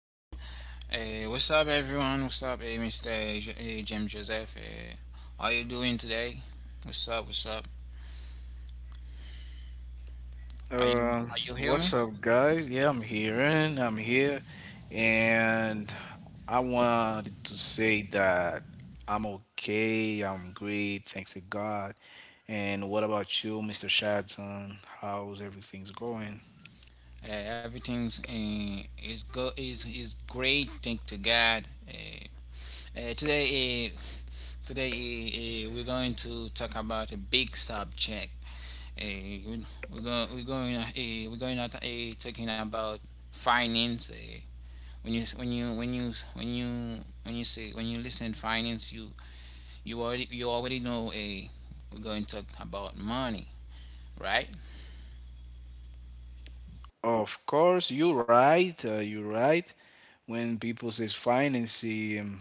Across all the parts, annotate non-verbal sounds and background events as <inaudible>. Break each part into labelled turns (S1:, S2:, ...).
S1: uh, what's up, everyone? What's up, Mr. Jim Joseph? How you doing today? What's up? What's up? Are
S2: Um,
S1: you are you hear
S2: what's up,
S1: me?
S2: guys? Yeah, I'm here, and I wanted to say that I'm okay, I'm great, thanks to God. And what about you, Mr. Shadton? How's everything's going?
S1: Everything's is go is great. Thank to God. Uh, today, uh, today we're going to talk about a big subject. Uh, we- we're going we're going uh, we're going to talking about finance. When you when you when you when you when you say when you listen finance you you already know a we're going to talk about money, right?
S2: Of course, you're right. You're right. When people says financing,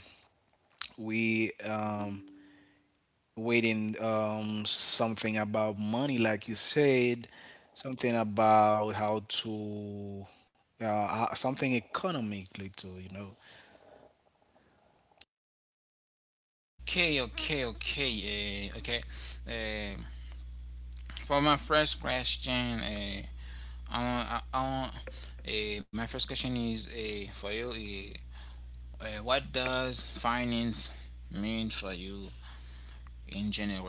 S2: we waiting something about money like you said, something about how to something economically too, you know.
S1: okay okay okay uh, okay uh, for my first question, I want my first question is for you, what does finance mean for you in general?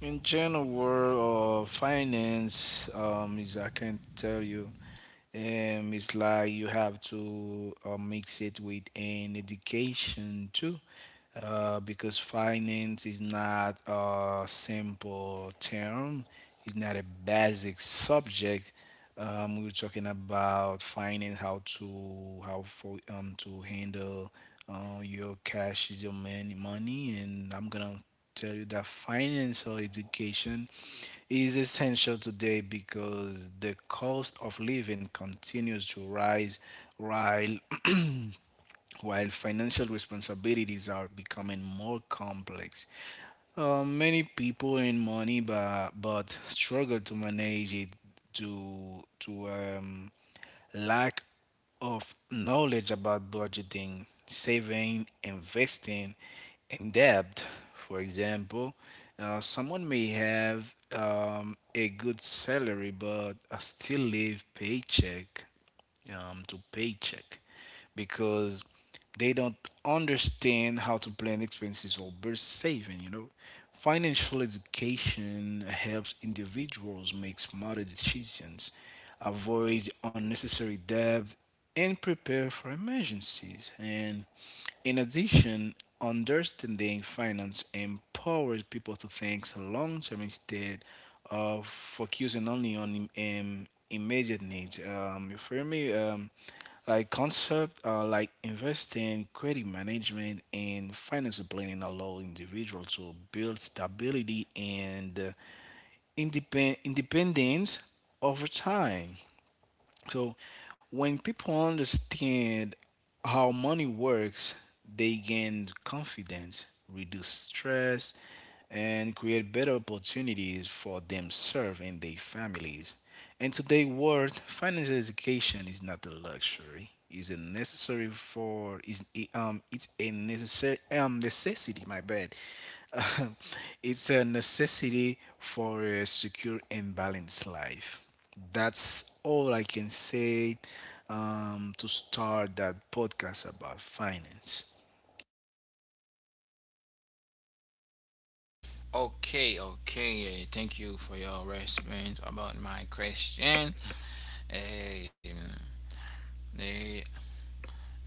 S2: In general, finance is, I can't tell you it's like you have to mix it with an education too, because finance is not a simple term, it's not a basic subject. We were talking about finance, how for to handle your cash, your money, and I'm gonna tell you that financial education is essential today because the cost of living continues to rise while while financial responsibilities are becoming more complex. Many people earn money but struggle to manage it due to lack of knowledge about budgeting, saving, investing, and debt. For example, someone may have a good salary but still live paycheck to paycheck because they don't understand how to plan expenses or burst saving, you know. Financial education helps individuals make smarter decisions, avoid unnecessary debt, and prepare for emergencies. And in addition, understanding finance empowers people to think long term instead of focusing only on immediate needs. You feel me? Like concept like investing, credit management, and financial planning allow individuals to build stability and independence over time. So when people understand how money works, they gain confidence, reduce stress, and create better opportunities for themselves and their families. In today's world, financial education is not a luxury, it's a necessary for is it's a necessary necessity. My bad. <laughs> It's a necessity for a secure and balanced life. That's all I can say to start that podcast about finance.
S1: Okay, okay. Thank you for your response about my question. Um, eh,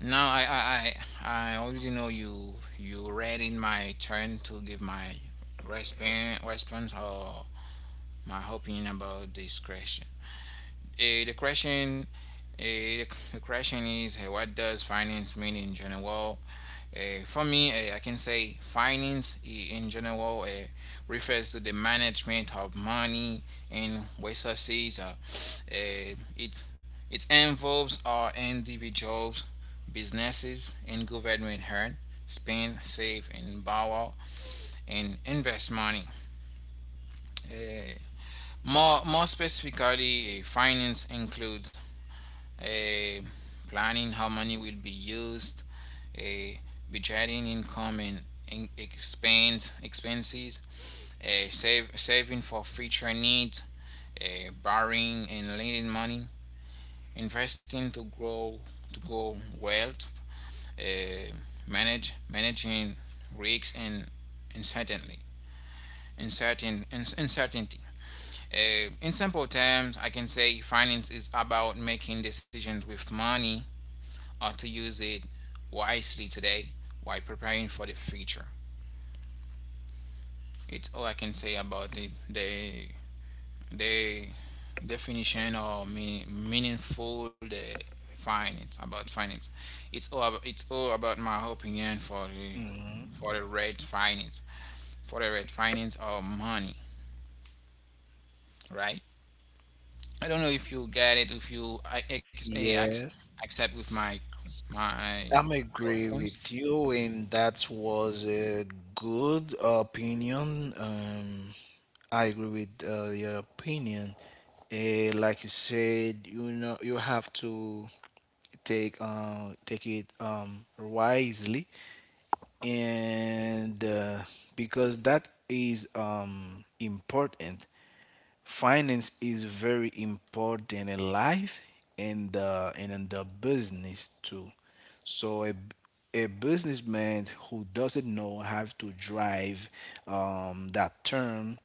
S1: now I I already know you read in my turn to give my response or my opinion about this question. Uh, the question, uh, the question is, what does finance mean in general? For me, I can say finance in general refers to the management of money and resources. Eh, it it involves our individuals, businesses, and government hand spend, save, and borrow and invest money. Uh, more specifically, finance includes uh, planning how money will be used, a budgeting income and expenses, saving for future needs, a borrowing and lending money, investing to grow wealth, a manage managing risks and uncertainty, uncertain uncertainty. In simple terms, I can say finance is about making decisions with money or to use it wisely today while preparing for the future. It's all I can say about it. The definition or meaningful the finance about finance. It's it's all about my opinion for the
S2: Mhm.
S1: for the red finance for the red finance or money, right? I don't know if you get it. If you I ex,
S2: Yes,
S1: Accept with my
S2: I'm
S1: my
S2: agree
S1: response.
S2: with you, and that was a good opinion. I agree with your opinion. Like you said, you know, you have to take take it wisely, and because that is important. Finance is very important in life, and in the business too. So a businessman who doesn't know how to drive that term,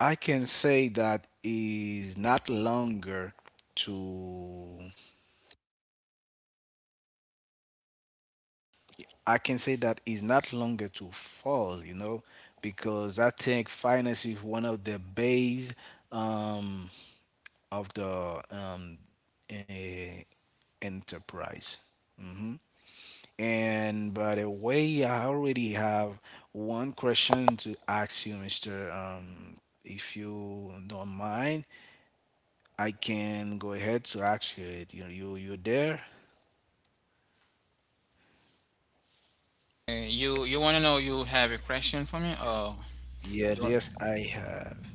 S2: i can say that is not longer to I can say that it's not longer to fall, you know, because I think finance is one of the base um, of the eh, enterprise. Hmm. And by the way, I already have one question to ask you, Mr. If you don't mind, I can go ahead to ask you it. You there?
S1: You want to know you have a question for me or
S2: Yeah,
S1: you
S2: yes, I have.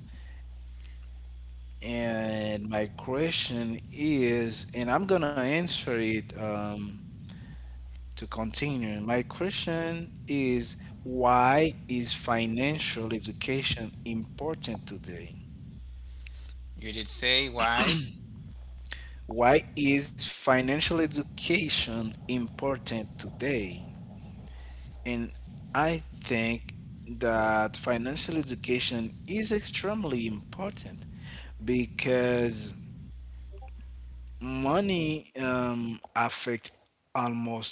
S2: And my question is, and I'm gonna answer it to continue. My question is, why is financial education important today?
S1: you did say why?
S2: Why is financial education important today? And I think that financial education is extremely important because money affect almost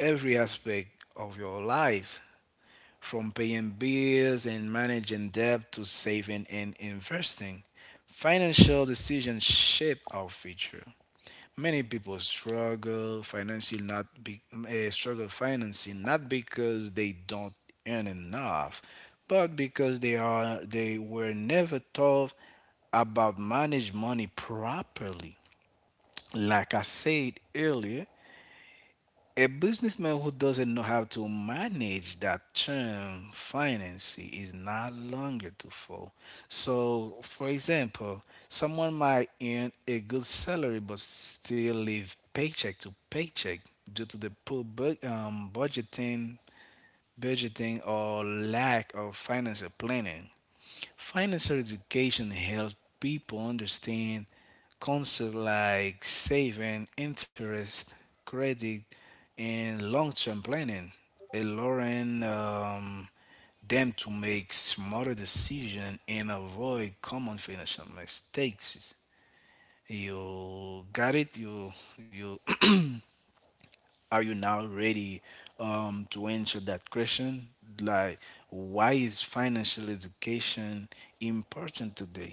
S2: every aspect of your life, from paying bills and managing debt to saving and investing. Financial decisions shape our future. Many people struggle financially, not because they don't earn enough, but because they were never taught about manage money properly. Like I said earlier, a businessman who doesn't know how to manage that term finance is not longer to fall. So, for example, someone might earn a good salary but still live paycheck to paycheck due to the poor budgeting or lack of financial planning. Financial education helps people understand concepts like saving, interest, credit, and long term planning, allowing them to make smarter decisions and avoid common financial mistakes. You got it? You <clears throat> are you now ready to answer that question? Like, why is financial education important today?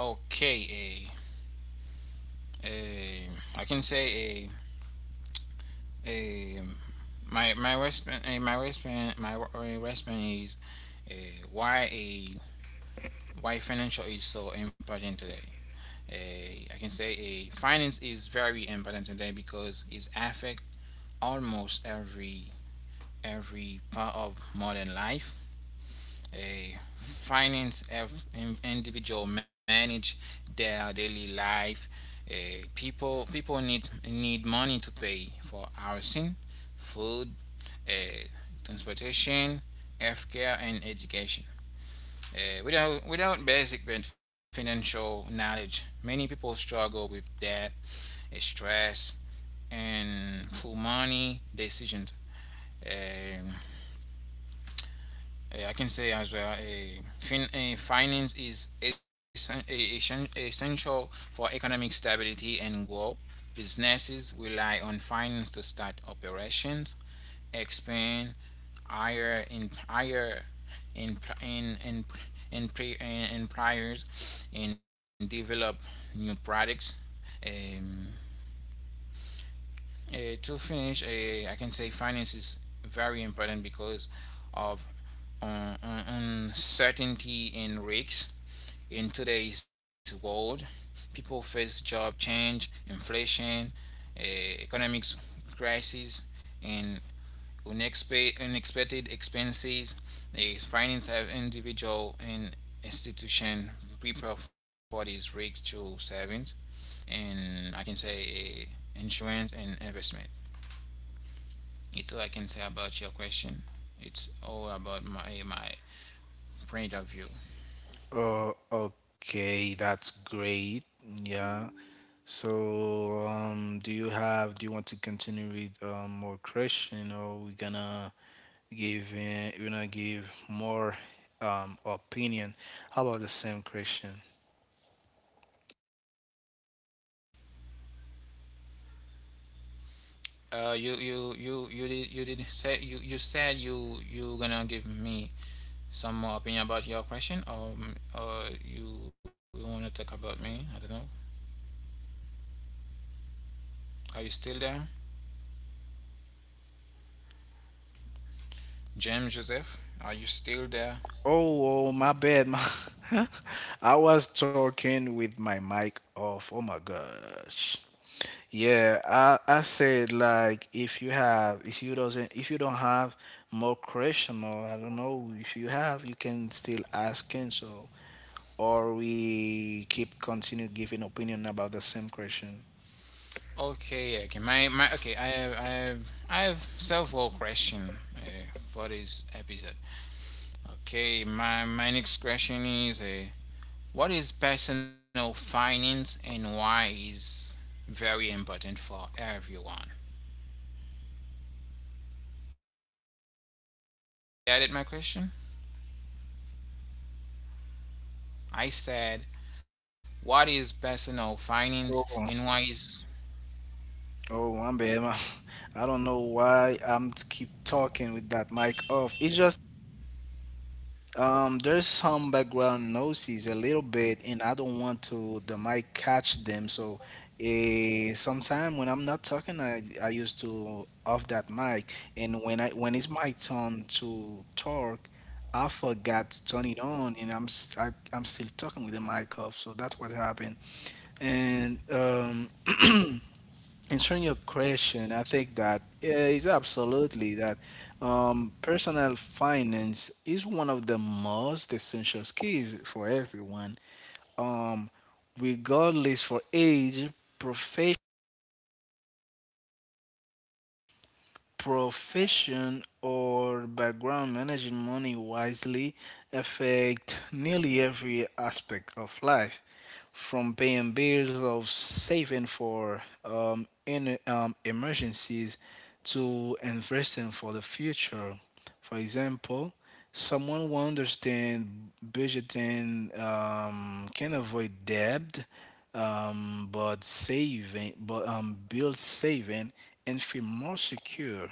S1: Okay, eh, a I can say a my my wristband a my wristband wristband is, why a why financial is so important today. I can say a finance is very important today because it's affect almost every part of modern life, a finance of individual manage their daily life. People need money to pay for housing, food, uh, transportation, healthcare, and education. Without basic financial knowledge, many people struggle with debt, stress, and poor money decisions. Um, I can say as well, finance is essential for economic stability and growth. Businesses rely on finance to start operations, expand, hire in hire in in in in pre employers, and develop new products. Um, to finish, I can say finance is very important because of uncertainty and risks. In today's world, people face job change, inflation, economic crises, and unexpected expenses. The finance have individual and institution prepare for these risks through savings and, I can say, insurance and investment. It's all I can say about your question. It's all about my point of view.
S2: Oh, okay, that's great. Yeah. So, do you want to continue with more question or we're gonna we're gonna give more opinion? How about the same question?
S1: You you you you did say you you said you you gonna give me some more opinion about your question, or you wanna talk about me? I don't know. Are you still there, James Joseph? Are you still there?
S2: Oh, my bad. <laughs> I was talking with my mic off. Oh my gosh. Yeah, I said like if you don't have more question or I don't know if you have you can still ask and so or we keep continue giving opinion about the same question.
S1: Okay, okay. My okay. I have I have I have several question for this episode. Okay, my next question is, what is personal finance and why is very important for everyone. Got it? My question. I said, what is personal finance
S2: Oh,
S1: and why is
S2: oh, my bad. <laughs> I don't know why keep talking with that mic off. It's just there's some background noises a little bit, and I don't want to the mic catch them. So, sometime when I'm not talking, I used to off that mic, and when it's my turn to talk, I forgot to turn it on, and I am still talking with the mic off. So that's what happened, and. Answering your question, I think that is absolutely that personal finance is one of the most essential skills for everyone, um, regardless for age, profession, profession or background. Managing money wisely affect nearly every aspect of life, from paying bills of saving for emergencies to investing for the future. For example, someone who understands budgeting can avoid debt, but build saving and feel more secure.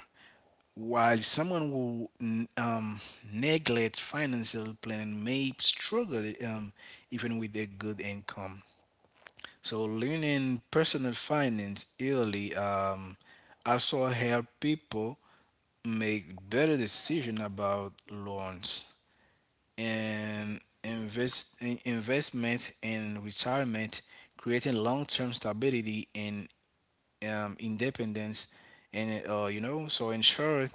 S2: While someone who neglects financial planning may struggle even with a good income. So learning personal finance early also help people make better decision about loans and invest in investment and retirement, creating long-term stability and independence, and you know so ensure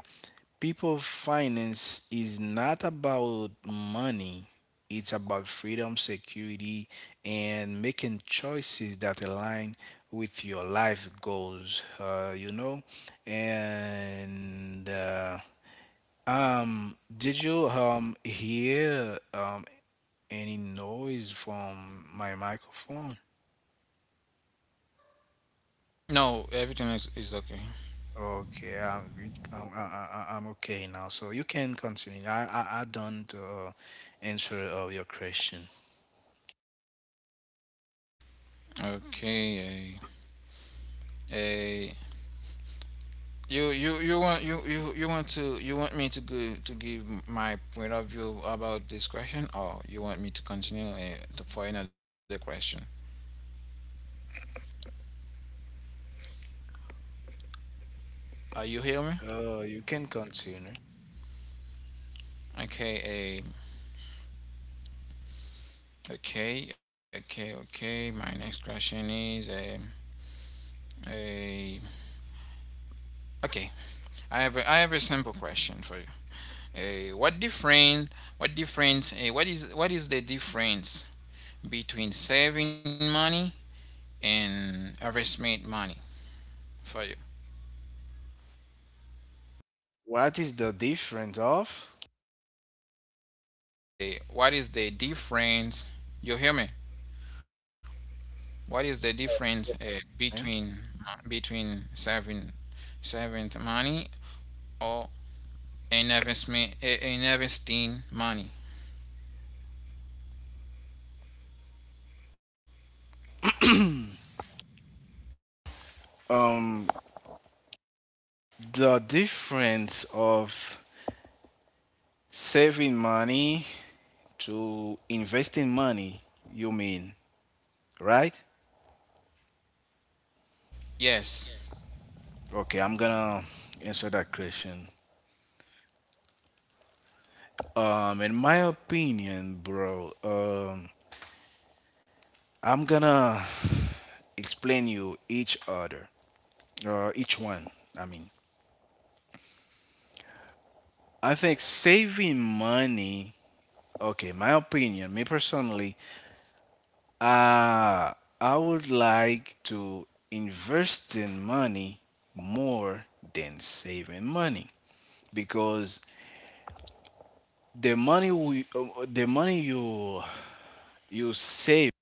S2: people finance is not about money. It's about freedom, security, and making choices that align with your life goals. You know, and did you hear any noise from my microphone?
S1: no everything is okay.
S2: Okay, I'm good. I'm, I- I'm okay now. So you can continue. I don't answer your question.
S1: Okay, eh, you you you want you, you you want to you want me to go to give my point of view about this question, or you want me to continue for another question? Are you hear me?
S2: Oh, you can continue.
S1: Okay, okay. My next question is a eh, eh, okay. I have I have a simple question for you. What difference? What difference? What is the difference between saving money and investment money for you?
S2: What is the difference of?
S1: What is the difference? You hear me? What is the difference
S2: Eh?
S1: between saving money or an investment, investing money?
S2: Um, the difference of saving money to investing money, you mean, right?
S1: Yes,
S2: Okay, I'm gonna answer that question. In my opinion, bro, I'm gonna explain you each other, each one. I mean, I think saving money. Okay, my opinion, me personally, Uh, I would like to invest in money more than saving money because the money you save,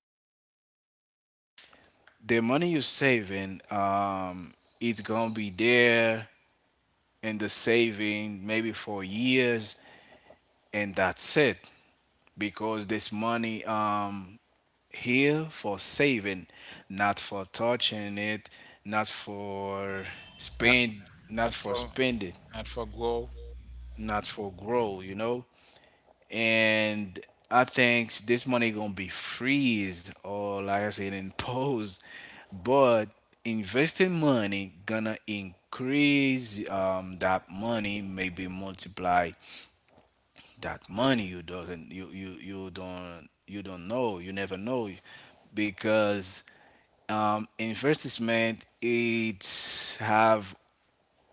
S2: the money you saving, it's gonna be there in the saving maybe for years, and that's it. Because this money, here for saving, not for touching it, not for
S1: not
S2: not
S1: not
S2: for
S1: for
S2: spending,
S1: not for grow.
S2: not for grow, you know. And I think this money gonna be freeze or like I said <laughs> imposed, but investing money gonna increase that money maybe multiply that money you doesn't you you you don't know you never know because investment it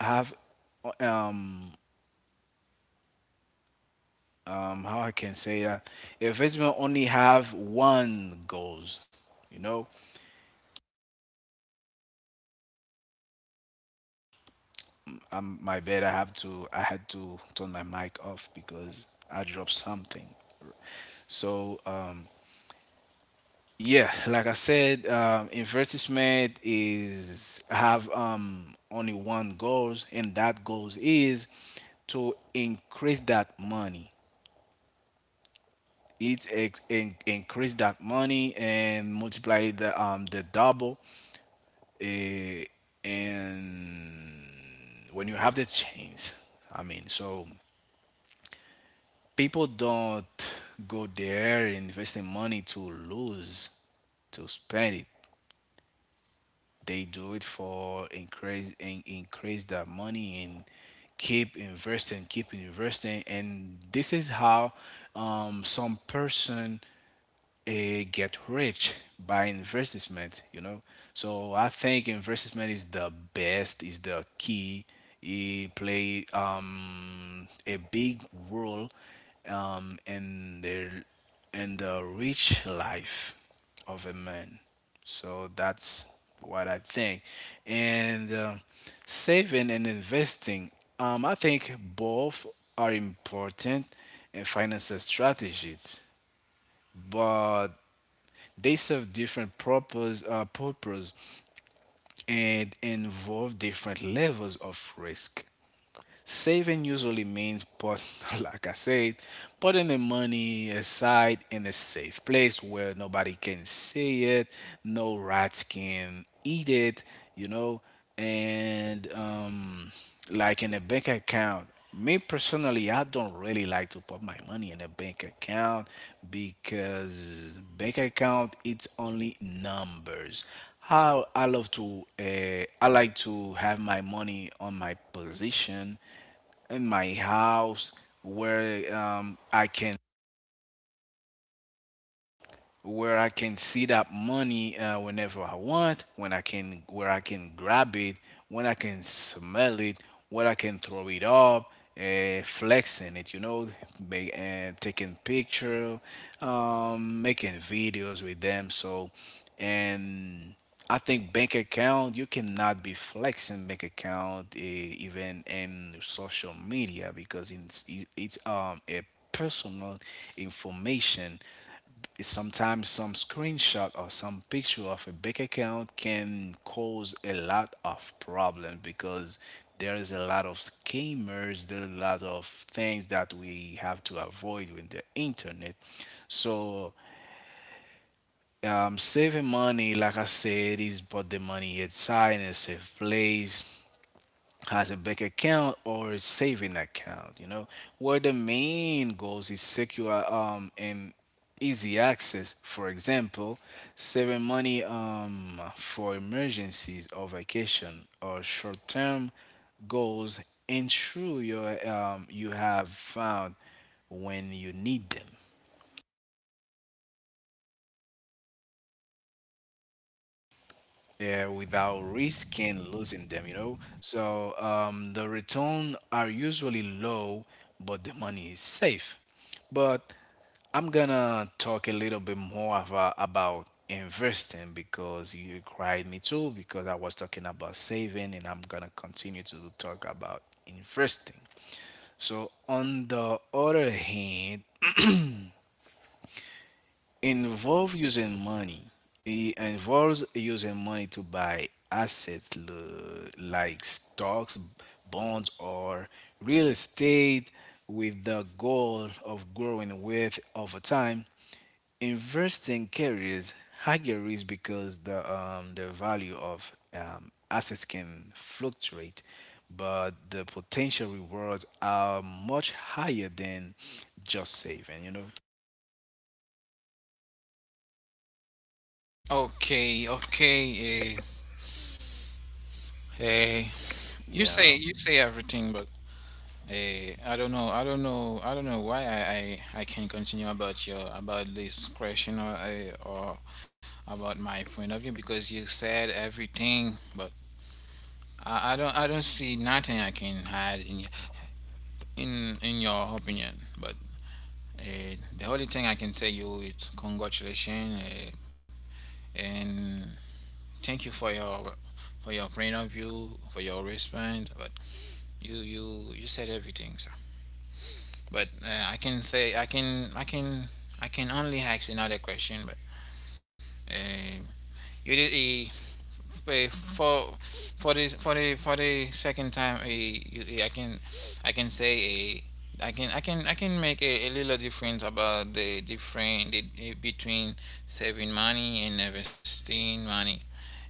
S2: have um, how I can say that investment only have one goals. You know, my bad I have to. I had to turn my mic off because I dropped something. So yeah, like I said, advertisement is have only one goals, and that goals is to increase that money, increase that money and multiply the double, eh, and when you have the change, I mean, so people don't go there investing money to lose, to spend it, they do it for increase and increase that money and keep investing, and this is how some person get rich by investment, you know. So I think investment is the best, is the key. It play a big role in the rich life of a man. So that's what I think. And saving and investing, I think both are important in financial strategies. But they serve different purpose and involve different levels of risk. Saving usually means <laughs> like I said, putting the money aside in a safe place where nobody can see it, no rats can eat it, you know, and like in a bank account. Me personally, I don't really like to put my money in a bank account because bank account it's only numbers. How I love to, I like to have my money on my position in my house where I can where I can see that money whenever I want, when I can, where I can grab it, when I can smell it, where I can throw it up, flexing it, you know, taking picture, making videos with them. So, and I think bank account you cannot be flexing bank account even in social media because it's a personal information. Sometimes some screenshot or some picture of a bank account can cause a lot of problem because there is a lot of scammers. There are a lot of things that we have to avoid with the internet. So saving money, like I said, is put the money inside in a safe place, has a bank account or a saving account, you know, where the main goals is secure and easy access. For example, saving money for emergencies or vacation or short-term goals ensure your you have found when you need them. Yeah, without risking losing them. So the return are usually low, but the money is safe. But I'm gonna talk a little bit more about investing because you cried me too, because I was talking about saving and I'm gonna continue to talk about investing. So on the other hand, involve using money. It involves using money to buy assets like stocks, bonds, or real estate with the goal of growing wealth over time. Investing carries higher risk because the value of assets can fluctuate, but the potential rewards are much higher than just saving. You know.
S1: Okay, okay. Uh, uh, you say
S2: Yeah.
S1: you say everything, but. I don't know why I can continue about your about this question or about my point of view because you said everything, but I don't see nothing I can add in your opinion. But the only thing I can say you is congratulations, and thank you for your point of view, for your response. But you said everything, sir. But I can say I can I can only ask another question. But uh, you did for for the second time. You, I can say a I can I can make a little difference about the different the, between saving money and investing money.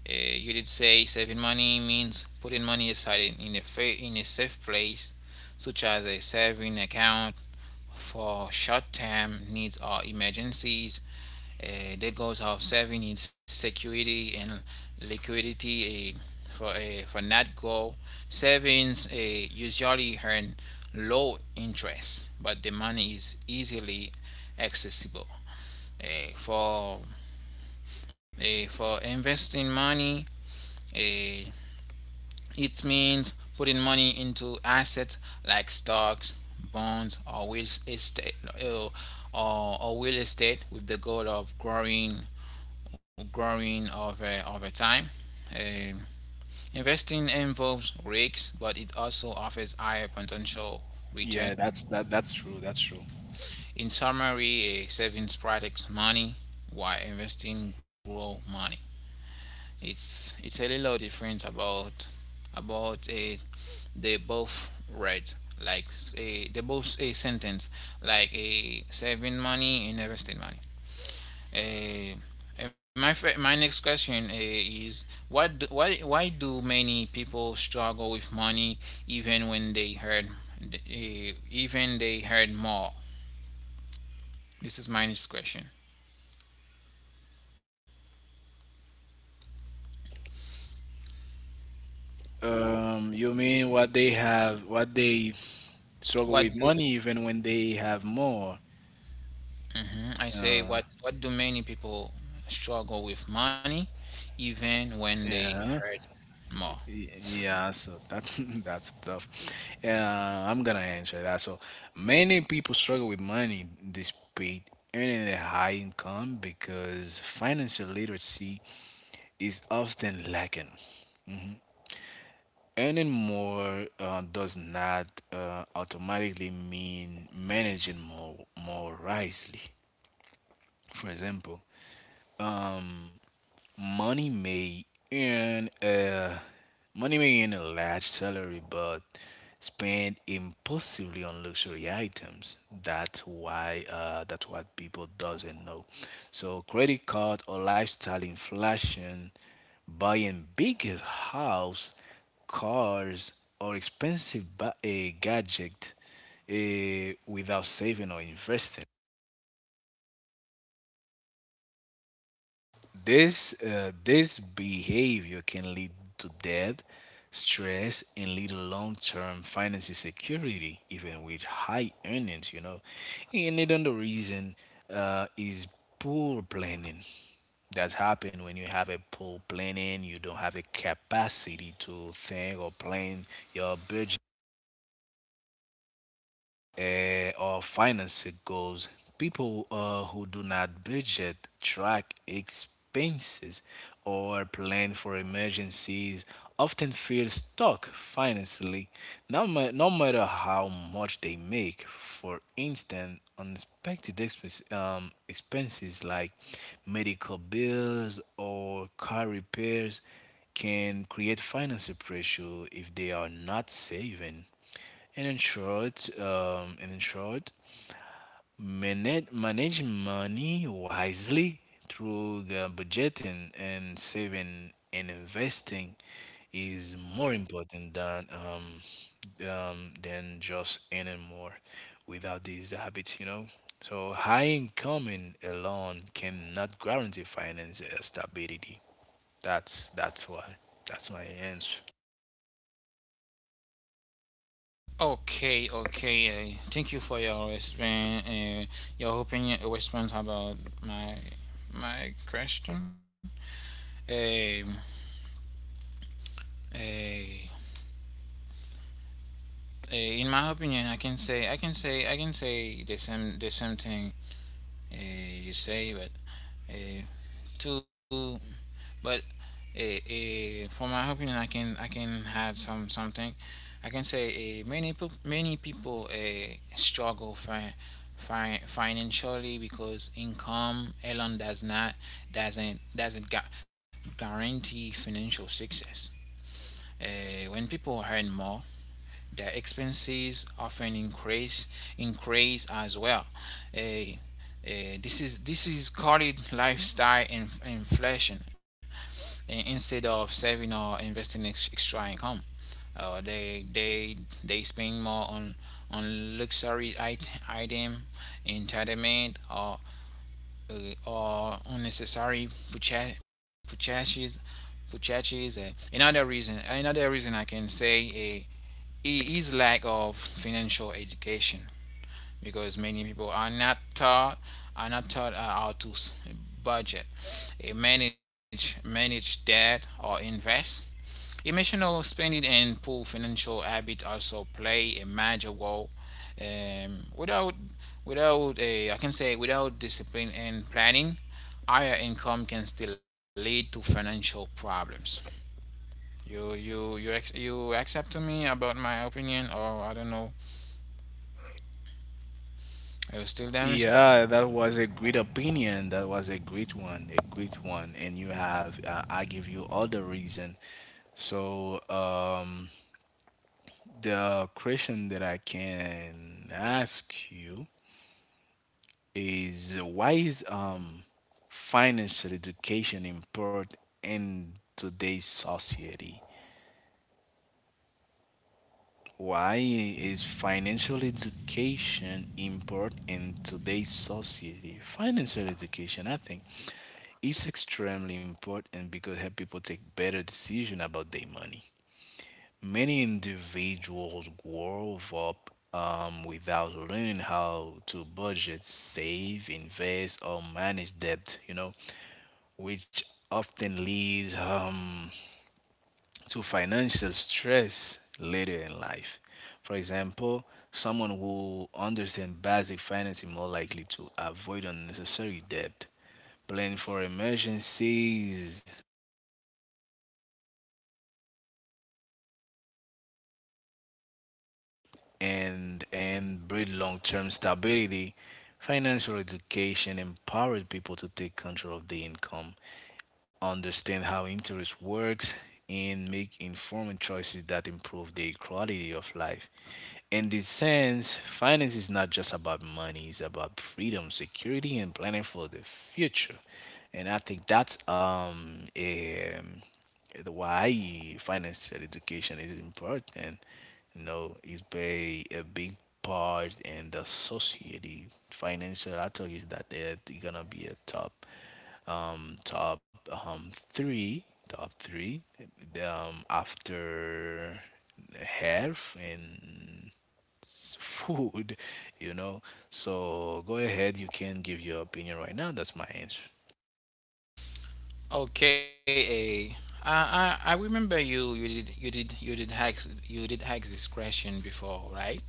S1: You did say saving money means putting money aside in, in a safe place, such as a saving account for short-term needs or emergencies. The goals of saving is security and liquidity. For that goal, savings usually earn low interest, but the money is easily accessible. Uh, for for investing money, uh, it means putting money into assets like stocks, bonds, or real estate, or real estate with the goal of growing over time. Um, Investing involves risks, but it also offers higher potential
S2: Yeah,
S1: return.
S2: that that's true. That's true.
S1: In summary, a savings protects money, while investing grow money. It's a little different about it, they both read like a they both a sentence like a saving money and investing money. Eh, my next question, is, why do many people struggle with money even when they earn, even they earn more? This is my next question.
S2: You mean what they have, what they
S1: What
S2: struggle
S1: do
S2: with money even when they have more.
S1: Mhm, I say
S2: Uh,
S1: what do many people struggle with money even when they earn
S2: yeah.
S1: more.
S2: Yeah, so that's <laughs> that's tough. I'm gonna answer that. So many people struggle with money despite earning a high income because financial literacy is often lacking. Earning more does not automatically mean managing more wisely. For example, money may earn a large salary, but spend impulsively on luxury items. That's why that's what people doesn't know. So credit card or lifestyle inflation, buying big house, cars, or expensive a gadget without saving or investing. This behavior can lead to debt, stress, and lead to long-term financial security, even with high earnings. You know, and another reason is poor planning. That's happened when you have a poor planning. You don't have a capacity to think or plan your budget or financing goals. People who do not budget, track expenses, or plan for emergencies often feel stuck financially, no matter how much they make. For instance, expenses like medical bills or car repairs can create financial pressure if they are not saving. And in short, manage money wisely through the budgeting and saving and investing is more important than just earning more without these habits, you know. So high income in alone cannot guarantee financial stability. That's why. That's my answer.
S1: Okay, okay. Thank you for your response. Your opinion, response about my my question. Um, eh, eh, in my opinion, I can say the same thing uh, you say, but uh, to but for my opinion, I can add some something. I can say many people struggle financially because income alone doesn't guarantee financial success. When people earn more, their expenses often increase as well. Uh, this is called lifestyle inflation instead of saving or investing extra income. They they spend more on luxury item, entertainment, or unnecessary purchases. Purchases. Another reason I can say uh, is lack of financial education because many people are not taught how to budget, manage debt or invest. Emotional spending and poor financial habits also play a major role. Um, without, Without I can say without discipline and planning, higher income can still lead to financial problems. You, you accept to me about my opinion, or I don't know. Are you still there, Mister?
S2: Yeah, that was a great opinion. That was a great one, a great one. And you have, I give you all the reason. So, the question that I can ask you is why is financial education important in today's society? Why is financial education important in today's society? Financial education, I think, is extremely important because help people take better decision about their money. Many individuals grow up without learning how to budget, save, invest, or manage debt. You know, which often leads to financial stress later in life. For example, someone who understands basic finance is more likely to avoid unnecessary debt, plan for emergencies, and build long-term stability. Financial education empowered people to take control of the income, understand how interest works, and make informed choices that improve their quality of life. In this sense, finance is not just about money, it's about freedom, security, and planning for the future. And I think that's the why financial education is important. You know, it play a big part in the society financial. I tell you is that they're gonna be a top top three, top three, after health and food, you know. So go ahead, you can give your opinion right now. That's my answer.
S1: Okay, eh, I remember you, you did hacks, this question before, right?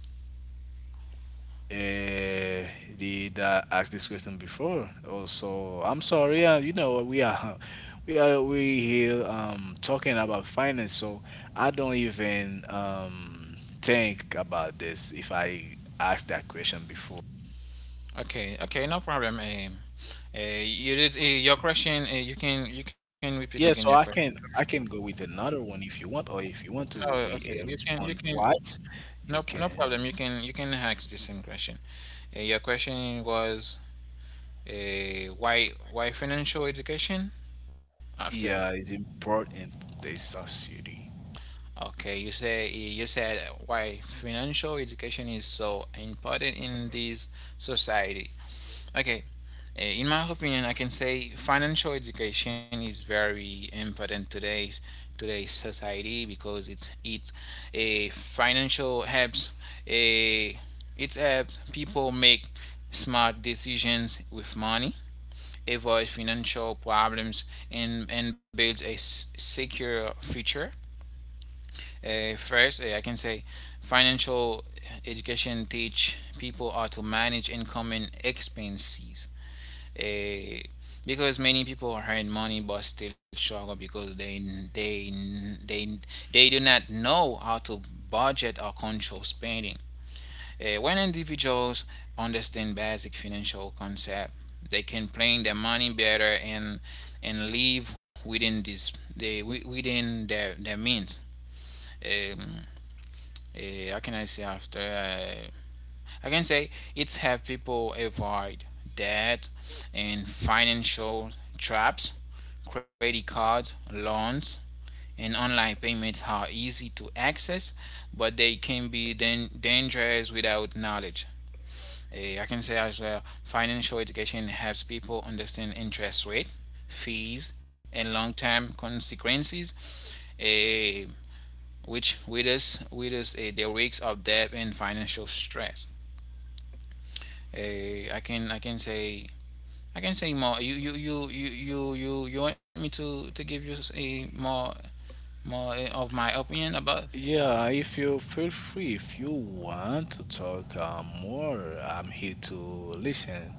S2: uh, the that asked this question before. Also, I'm sorry. You know, we are <laughs> we are we here talking about finance, so I don't even think about this if I asked that question before.
S1: Okay, okay, no problem. Eh. You did your question. You can repeat again your
S2: Yeah, so
S1: question for me.
S2: I can go with another one if you want, or if you want
S1: Oh,
S2: to re
S1: okay. You
S2: respond
S1: can
S2: twice,
S1: No
S2: you
S1: no
S2: can.
S1: problem. You can ask the same question. Your question was, why financial education after.
S2: Yeah, it's important this society.
S1: Okay, you say you said, why financial education is so important in this society. Okay, In my opinion, I can say financial education is very important today's today's society because it's a financial helps a it helps people make smart decisions with money, avoid financial problems, and build a secure future. I can say financial education teach people how to manage income and expenses uh, because many people are earning money but still struggle because they they they do not know how to budget or control spending. When individuals understand basic financial concept, they can plan their money better and live within this they within their means. Um, how can I say after? I can say it's helped people avoid debt and financial traps. Credit cards, loans, and online payments are easy to access, but they can be dangerous without knowledge. I can say as well, financial education helps people understand interest rate, fees, and long-term consequences, eh, which with us, the risks of debt and financial stress. Uh, I can I can say I can say more. You want me to give you a more more of my opinion about?
S2: Yeah, if you feel free, if you want to talk more, I'm here to listen.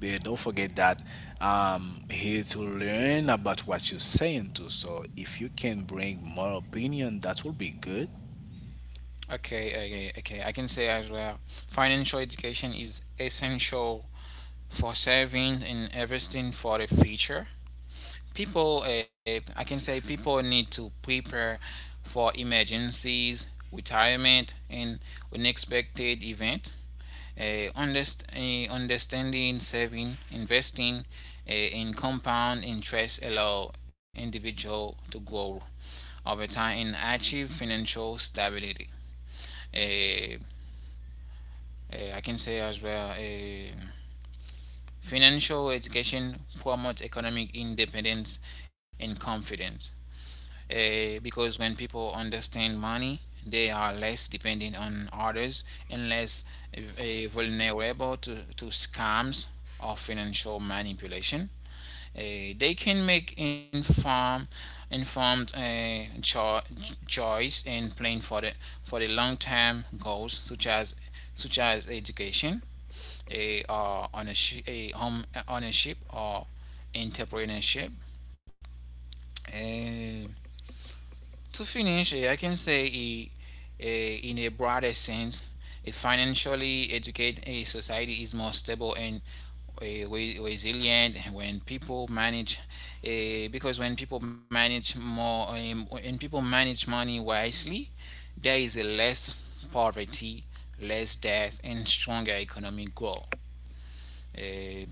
S2: But don't forget that I'm here to learn about what you're saying too. So if you can bring more opinion, that will be good.
S1: Okay, okay, okay. I can say as well. Financial education is essential for saving and investing for the future. I can say people need to prepare for emergencies, retirement, and unexpected event. Understanding saving investing in compound interest allow individual to grow over time and achieve financial stability. uh, I can say as well, financial education promotes economic independence and confidence, because when people understand money, they are less dependent on others and less vulnerable to scams or financial manipulation. They can make informed choice and plan for the long term goals such as education, a home ownership or entrepreneurship. Uh, to finish, I can say in a broader sense, a financially educated a society is more stable and resilient when people manage eh, because when people manage more when people manage money wisely, there is a less poverty, less debt, and stronger economic growth. Eh,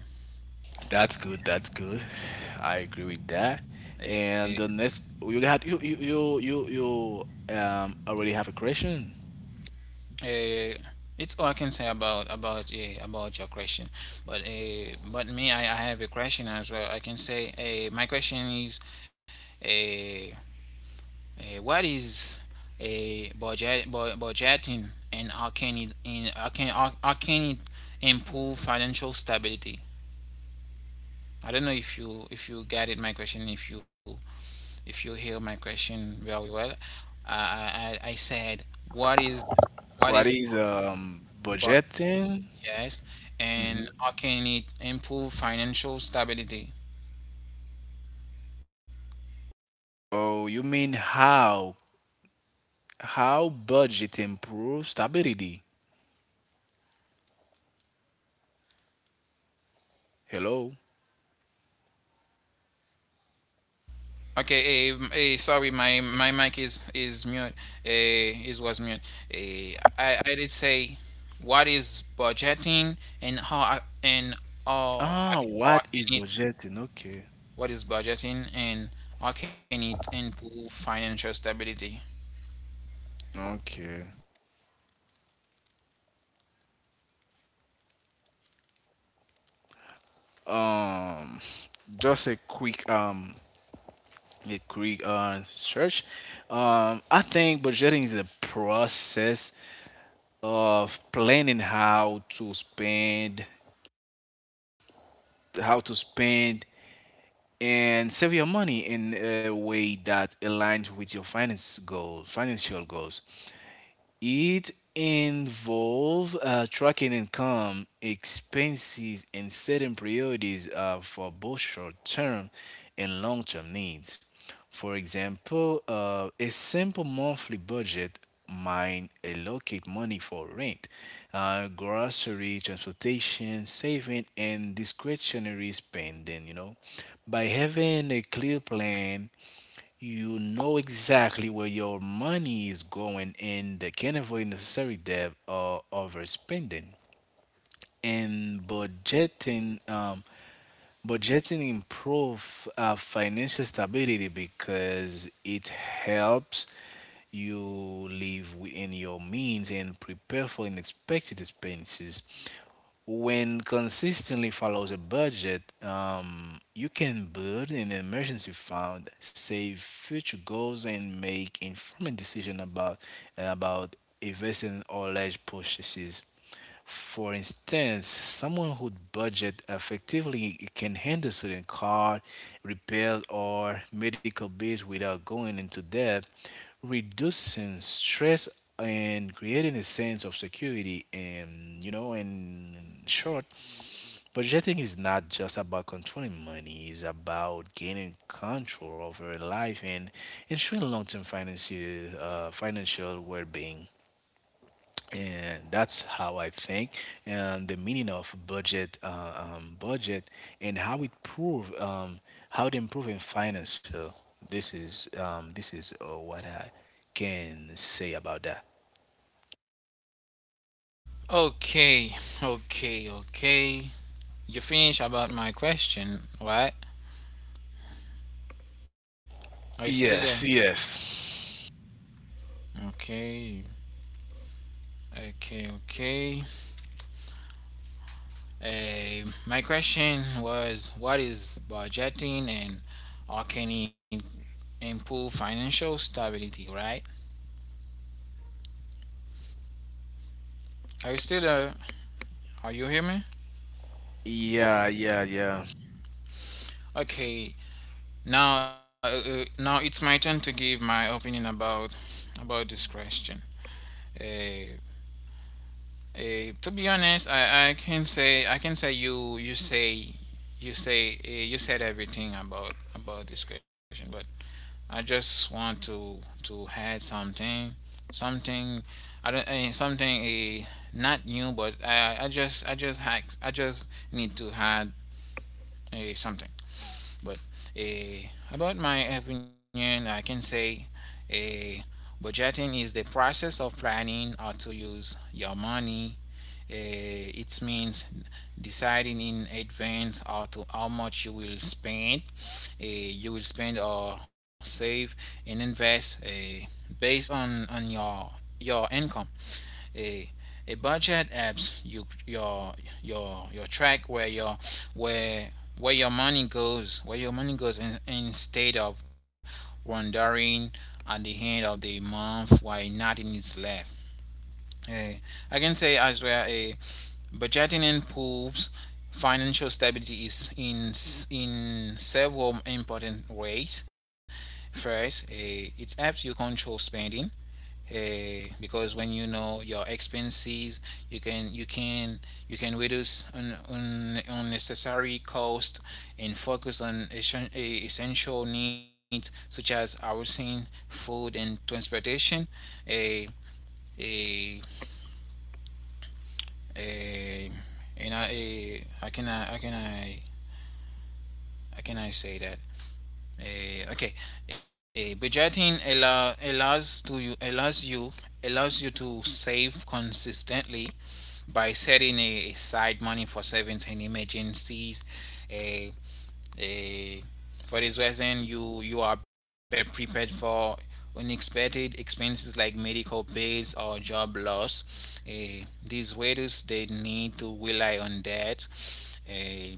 S2: That's good. That's good. <sighs> I agree with that. And
S1: eh,
S2: the next, you had you, you already have a question.
S1: uh, it's all I can say about your question. But me, I have a question as well. I can say my question is, uh, what is budgeting and how can it in how can it improve financial stability? I don't know if you get it my question, if you hear my question very well. I said, what is what is
S2: What is
S1: budgeting.
S2: budgeting?
S1: Yes, and
S2: Hmm.
S1: how can it improve financial stability?
S2: Oh, you mean how. How budget improves stability? Hello?
S1: Okay, sorry, my mic is mute. Eh, is Was mute. I did say, what is budgeting and how
S2: Ah,
S1: I,
S2: what
S1: how I
S2: is
S1: can it?
S2: budgeting? Okay.
S1: What is budgeting and how can it improve financial stability?
S2: Okay. Um, just a quick search. I think budgeting is a process of planning how to spend and save your money in a way that aligns with your financial goals. It involve tracking income, expenses, and setting priorities for both short-term and long-term needs. For example, a simple monthly budget might allocate money for rent, grocery, transportation, saving, and discretionary spending. You know, by having a clear plan, you know exactly where your money is going and they can avoid necessary debt or overspending. And budgeting Budgeting improve financial stability because it helps you live within your means and prepare for unexpected expenses. When consistently follows a budget, you can build an emergency fund, save future goals, and make informed decision about investing or large purchases. For instance, someone who budget effectively can handle student card, repair or medical bills without going into debt, reducing stress and creating a sense of security. And you know, in short, budgeting is not just about controlling money; it's about gaining control over life and ensuring long-term financial well-being. And that's how I think, and the meaning of budget, and how it improve in finance. So this is what I can say about that.
S1: Okay, okay, okay. You finish about my question, right? Are you still there?
S2: Yes, yes,
S1: Okay, okay, okay. My question was, what is budgeting and how can it improve financial stability, right? Are you still there? Are you hear me?
S2: yeah.
S1: Okay, now it's my turn to give my opinion about this question. Uh, to be honest, I can say you said everything about this question, but I just want to add something. I don't, something a not new, but I just need to add a something. But a about my opinion, I can say a budgeting is the process of planning how to use your money. It means deciding in advance how much you will spend, or save and invest, based on your income. A a budget apps you your track where your where where your money goes, in, instead of wondering at the end of the month why nothing is left. Eh, I can say as well. A. Budgeting improves financial stability is in several important ways. First, it helps you control spending, because when you know your expenses, you can you can you can reduce unnecessary costs and focus on essential needs such as housing, food, and transportation. Eh, eh, Uh, and I, eh, I can, I can I say that. Okay, budgeting allow, allows to you allows you allows you to save consistently by setting a aside money for certain emergencies. Uh, Eh, for this reason, you are better prepared for unexpected expenses like medical bills or job loss. These waiters they need to rely on that. Eh,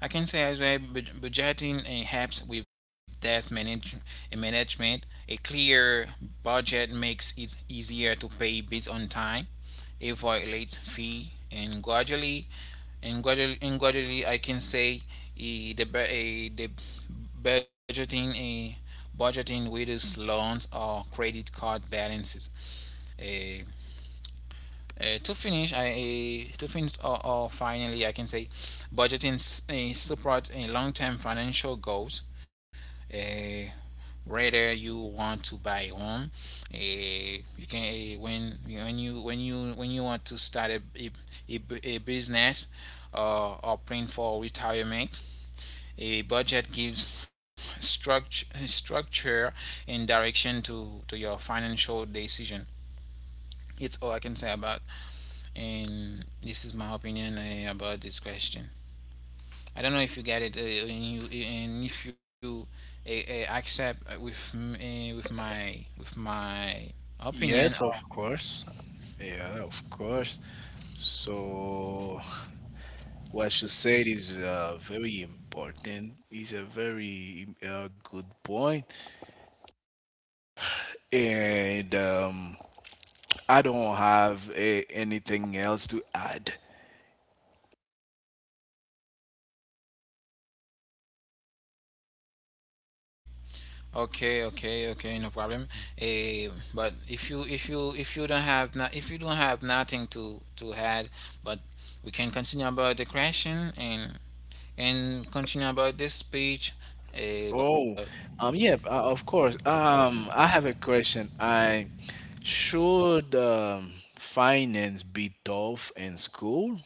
S1: I can say as well, budgeting helps with debt management. A clear budget makes it easier to pay bills on time, avoid late fee, and gradually, I can say the budgeting, with loans or credit card balances. Eh, to finish, to finish or, finally I can say budgeting support a long-term financial goals. Eh, Whether you want to buy a home, when you want to start a business, or plan for retirement, a budget gives structure and direction to your financial decision. It's all I can say about, and this is my opinion about this question. I don't know if you get it, and if you accept with my opinion.
S2: Yes,
S1: Or,
S2: of course. Yeah, of course. So what you said is very important. It's a very good point, and I don't have a, anything else to add.
S1: okay, okay, okay, no problem. But if you don't have not, if you don't have nothing to add, but we can continue about the question and continue about this speech. But
S2: Oh, yeah, of course. I have a question. I should finance be taught in school?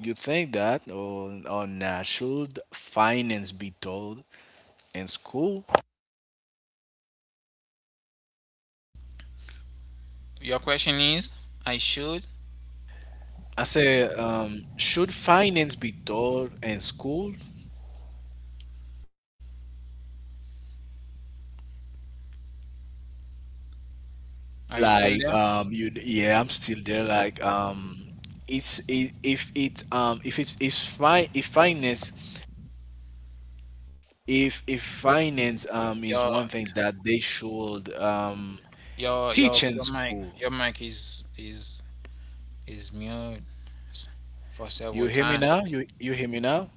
S2: You think that, or not? Should finance be taught in school?
S1: your question is, I should.
S2: I say, should finance be taught in school?
S1: Are you still there?
S2: Like you, yeah, I'm still there. If it if finance, if finance is
S1: Your
S2: one thing that they should
S1: your
S2: teach
S1: your
S2: in
S1: your mic
S2: school.
S1: your mic is mute for
S2: You
S1: several
S2: hear me
S1: times.
S2: now? You hear me now?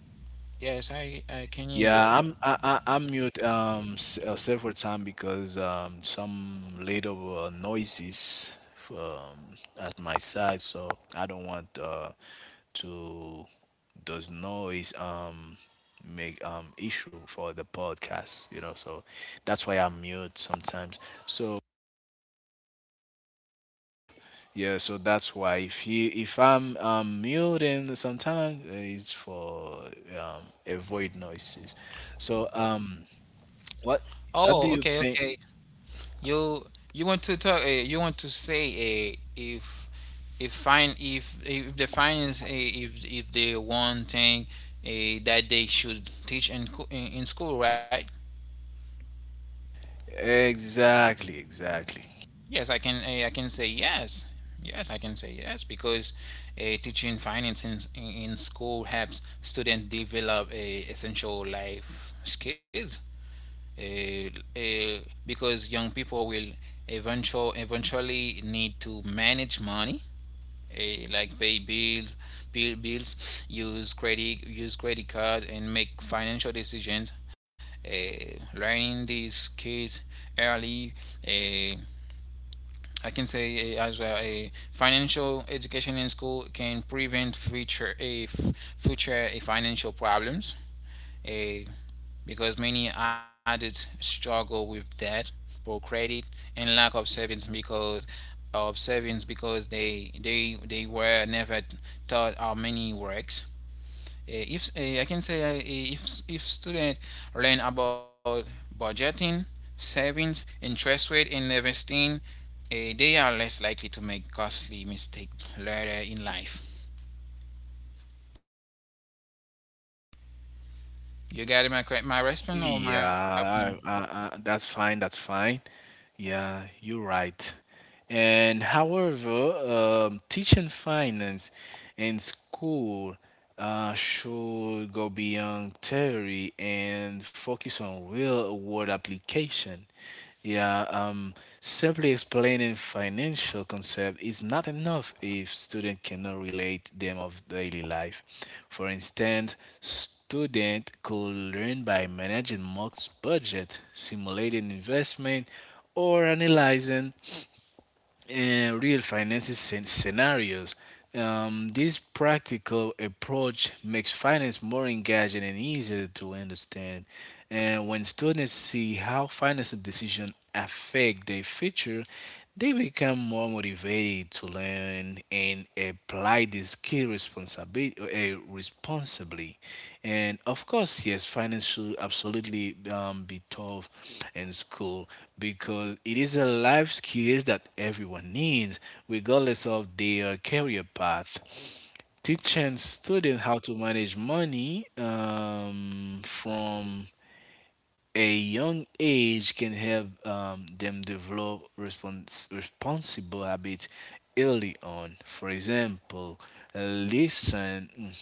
S1: Yes, I can hear you.
S2: Yeah,
S1: But...
S2: I, I'm mute several time because some little noises um at my side, so I don't want to does noise make issue for the podcast, you know. So that's why I'm mute sometimes. So yeah, so that's why if you if I'm muting sometimes, it's for avoid noises. So what. What do
S1: Oh,
S2: you
S1: okay,
S2: think?
S1: okay. You you want to talk? You want to say if the finance, if the one thing that they should teach in co- in school, right?
S2: Exactly, exactly.
S1: Yes, I can. I can say yes. Yes, I can say yes because teaching finance in school helps students develop a essential life skills, uh, uh, because young people will eventually need to manage money, like pay bills, use credit cards, and make financial decisions, learning these kids early. uh, I can say as a financial education in school can prevent future financial problems. Uh, because many adults struggle with debt, poor credit, and lack of savings, because they were never taught how money works. Eh, If eh, I can say, if student learn about budgeting, savings, interest rate, and investing, they are less likely to make costly mistake later in life. You got my response or my
S2: Yeah,
S1: opinion?
S2: that's fine. That's fine. Yeah, you're right. And however, teaching finance in school should go beyond theory and focus on real world application. Yeah, simply explaining financial concept is not enough if student cannot relate them of daily life. For instance, student could learn by managing Mock's budget, simulating investment, or analyzing real finances scenarios. This practical approach makes finance more engaging and easier to understand. And when students see how financial decisions affect their future, they become more motivated to learn and apply this skill responsibly. And of course, yes, finance should absolutely be taught in school because it is a life skill that everyone needs, regardless of their career path. Teaching students how to manage money from a young age can help them develop responsible habits early on. For example, listen.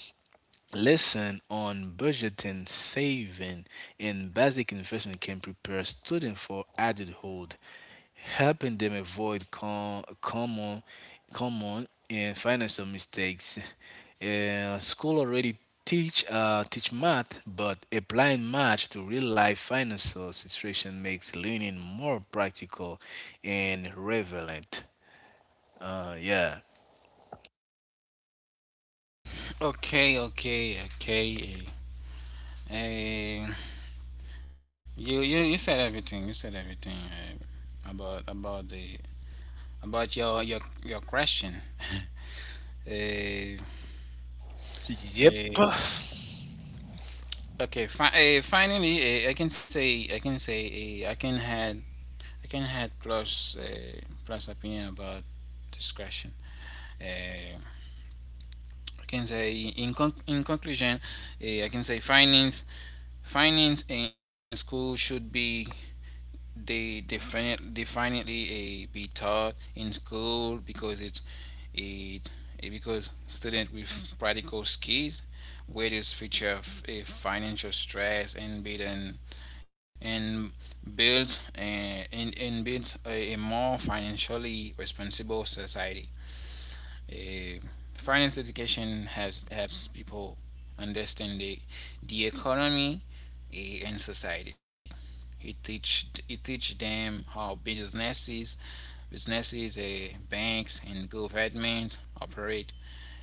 S2: Lesson on budgeting, saving, and basic investing can prepare students for adulthood, helping them avoid common and financial mistakes. School already teach math, but applying math to real life financial situation makes learning more practical and relevant. Yeah.
S1: Okay, okay, okay. eh. You said everything. You said everything about the about your your question. <laughs> uh,
S2: Yep.
S1: uh, okay. Finally, I can say uh, I can had I can had plus, plus opinion about discretion. Uh, I can say in conclusion, I can say finance in school should be, they definitely a be taught in school because it because student with practical skills wages feature of a financial stress and build an, and build a, and builds a more financially responsible society. Eh, Finance education helps people understand the economy, and society. He teach them how businesses, banks, and government operate,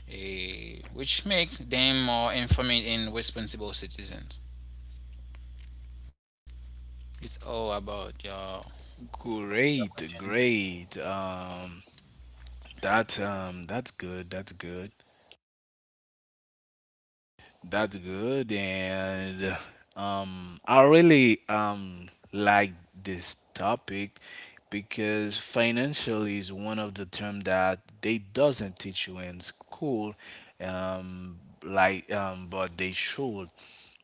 S1: which makes them more informed and responsible citizens. It's all about your.
S2: Great, great. That's that's good. That's good. That's good. And I really like this topic because financially is one of the term that they doesn't teach you in school, but they should,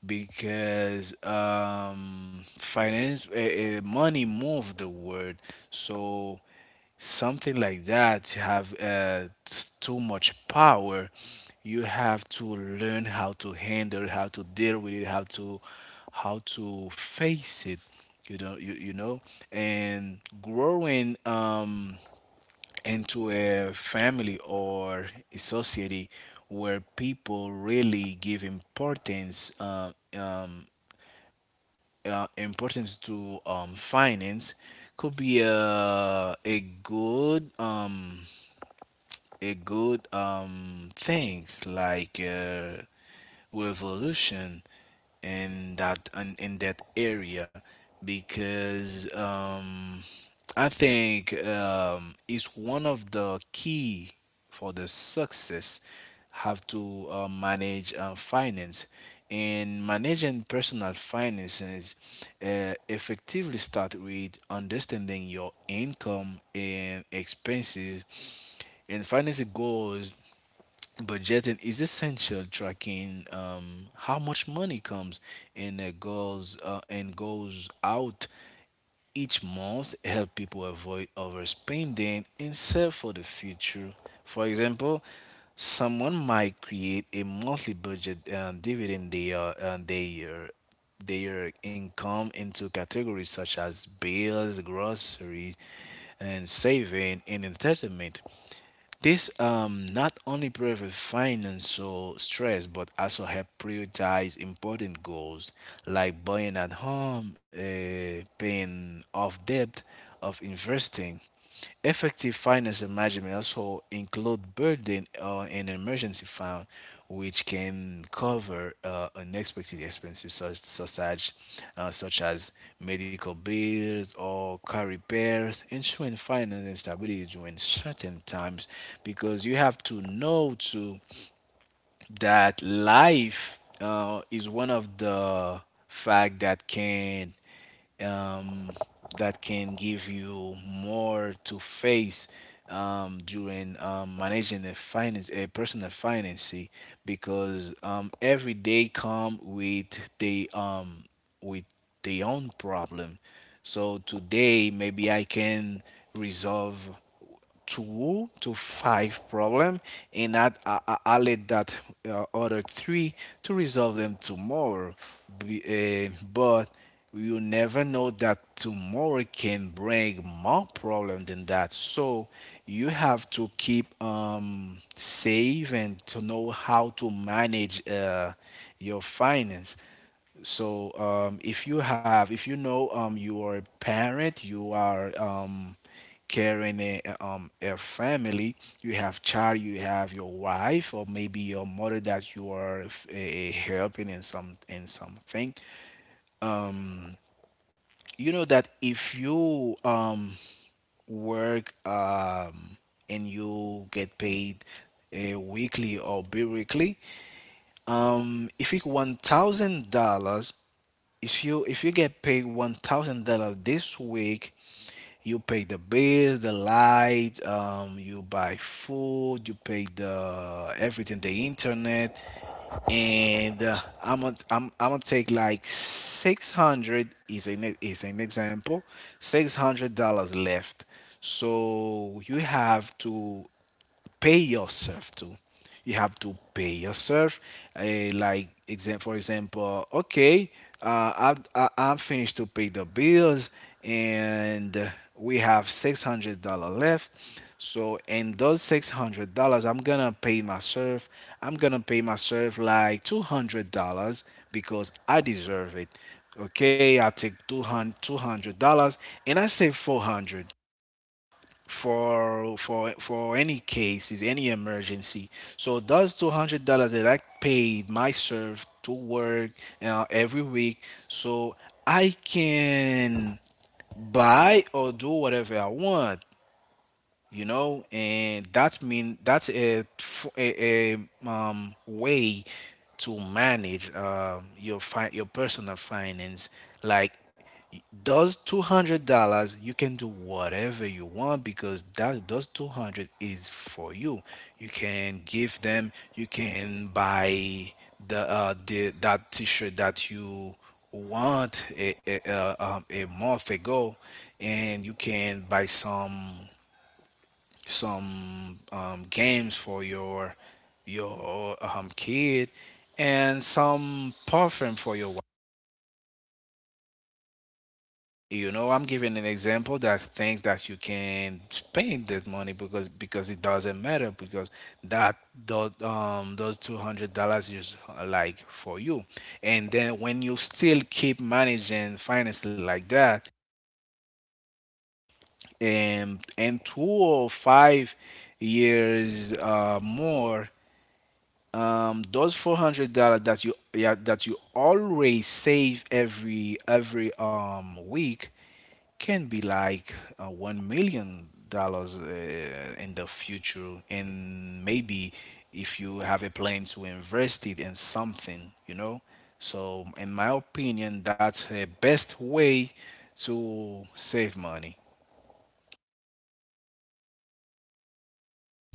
S2: because finance, money move the world. So something like that have too much power. You have to learn how to handle, how to deal with it, how to face it. You know. And growing into a family or a society where people really give importance importance to finance could be a good things like revolution in that in that area. Because I think it's one of the key for the success, have to manage finance. And managing personal finances effectively start with understanding your income and expenses and financing goals, budgeting is essential. Tracking how much money comes in, goals and goes out each month help people avoid overspending and save for the future. For example, someone might create a monthly budget, dividend their income into categories such as bills, groceries, and saving and entertainment. This not only prevents financial stress but also help prioritize important goals like buying at home, paying off debt, of investing. Effective financial management also include building an emergency fund, which can cover unexpected expenses such as medical bills or car repairs, ensuring financial stability during certain times. Because you have to know too that life is one of the fact um, that can give you more to face during managing a personal finance. Because every day come with with their own problem. So today maybe I can resolve two to five problem and allocate that other three to resolve them tomorrow. But you never know that tomorrow can bring more problem than that. So you have to keep save and to know how to manage your finance. So if you have, if you know you are a parent, you are carrying a family, you have child, you have your wife or maybe your mother that you are helping in some in something. You know that if you work and you get paid weekly or bi-weekly. If you $1,000, if you get paid $1,000 this week, you pay the bills, the light, you buy food, you pay the everything, the internet, and I'm gonna take like 600 is an example, $600 left. So you have to pay yourself to. You have to pay yourself. For example, okay, I'm finished to pay the bills, and we have $600 left. So in those $600, I'm gonna pay myself. I'm gonna pay myself like $200 because I deserve it. Okay, I take $200 and I save 400 for any cases, any emergency. So those $200 that I paid myself to work every week, so I can buy or do whatever I want. You know, and that mean that's a, f- a, way to manage your your personal finance. Like those $200 you can do whatever you want, because that those 200 is for you. You can give them, you can buy the that t-shirt that you want a month ago. And you can buy some games for your kid, and some perfume for your wife. You know, I'm giving an example that things that you can spend this money, because it doesn't matter, because that those $200 is like for you. And then when you still keep managing finances like that, and 2 or 5 years more, those $400 that you, yeah, that you always save every week can be like $1 million in the future. And maybe if you have a plan to invest it in something, you know. So in my opinion, that's the best way to save money.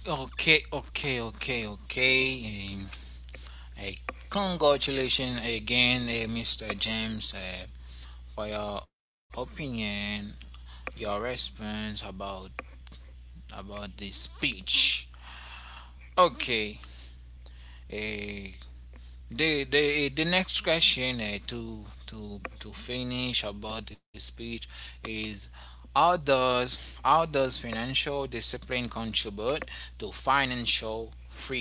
S1: Okay, okay, okay, okay. I congratulations again, Mr. James, for your opinion, your response about this speech. Okay, uh, the next question, to finish about this speech, is how does financial discipline contribute to financial freedom?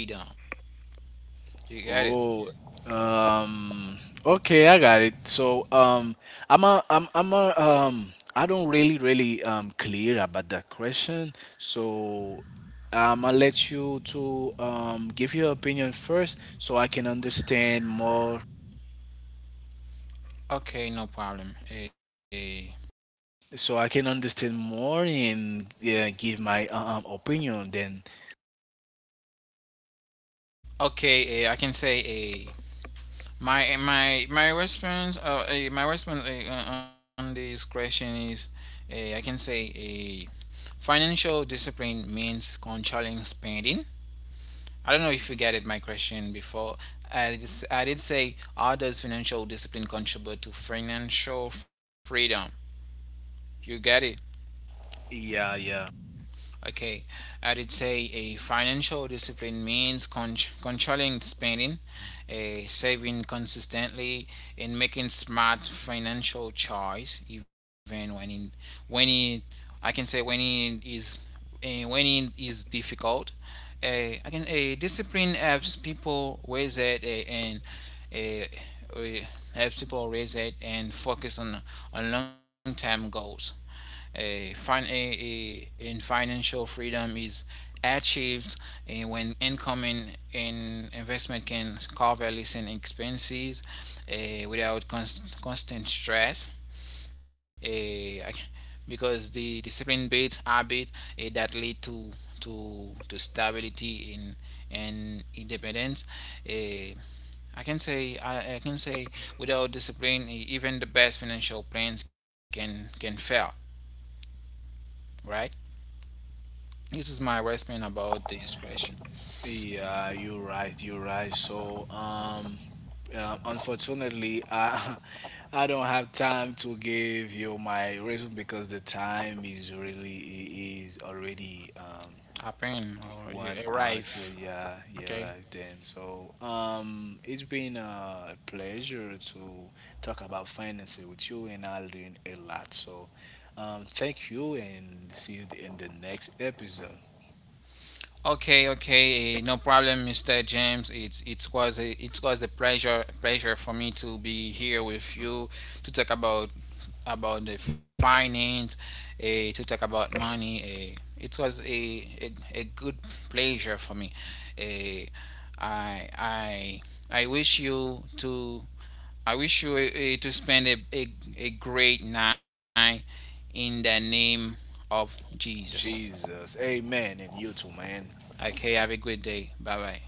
S1: You get it?
S2: Oh, um, okay, I got it. So, I'm a, I'm, I'm a, I don't really clear about that question. So, I'll let you to, give your opinion first, so I can understand more.
S1: Okay, no problem.
S2: So I can understand more, and yeah, give my opinion. Then,
S1: Okay, I can say, my response, my response, on this question is, I can say, financial discipline means controlling spending. I don't know if you get it my question before. I did say, how does financial discipline contribute to financial freedom? You get it?
S2: yeah, yeah.
S1: Okay. I did say a financial discipline means controlling spending, a saving consistently, and making smart financial choice even when it I can say when it is difficult. A I can a discipline helps people raise it, a, and a, a- helps people raise it and focus on long term goals. A fin a and financial freedom is achieved when income and investment can cover leasing expenses, without constant stress. eh, <laughs> because the discipline builds habit that lead to stability in and independence. Eh, I can say, I can say without discipline, even the best financial plans can fail. Right. This is my response about this question.
S2: Yeah, you're right. You're right. So, unfortunately, I <laughs> I don't have time to give you my resume because the time is really is already
S1: Happen or you
S2: 1 hour. So
S1: arrive.
S2: yeah, yeah,
S1: Okay.
S2: right then. So, it's been a pleasure to talk about finances with you, and I learned a lot. So, thank you, and see you in the next episode.
S1: Okay, okay, no problem, Mr. James. It was a pleasure for me to be here with you to talk about the finance, to talk about money. Eh. It was a good pleasure for me. Eh, I I I wish you to I wish you to spend a great night in the name of Jesus.
S2: Jesus, Amen, and you too, man.
S1: Okay, have a good day. Bye bye.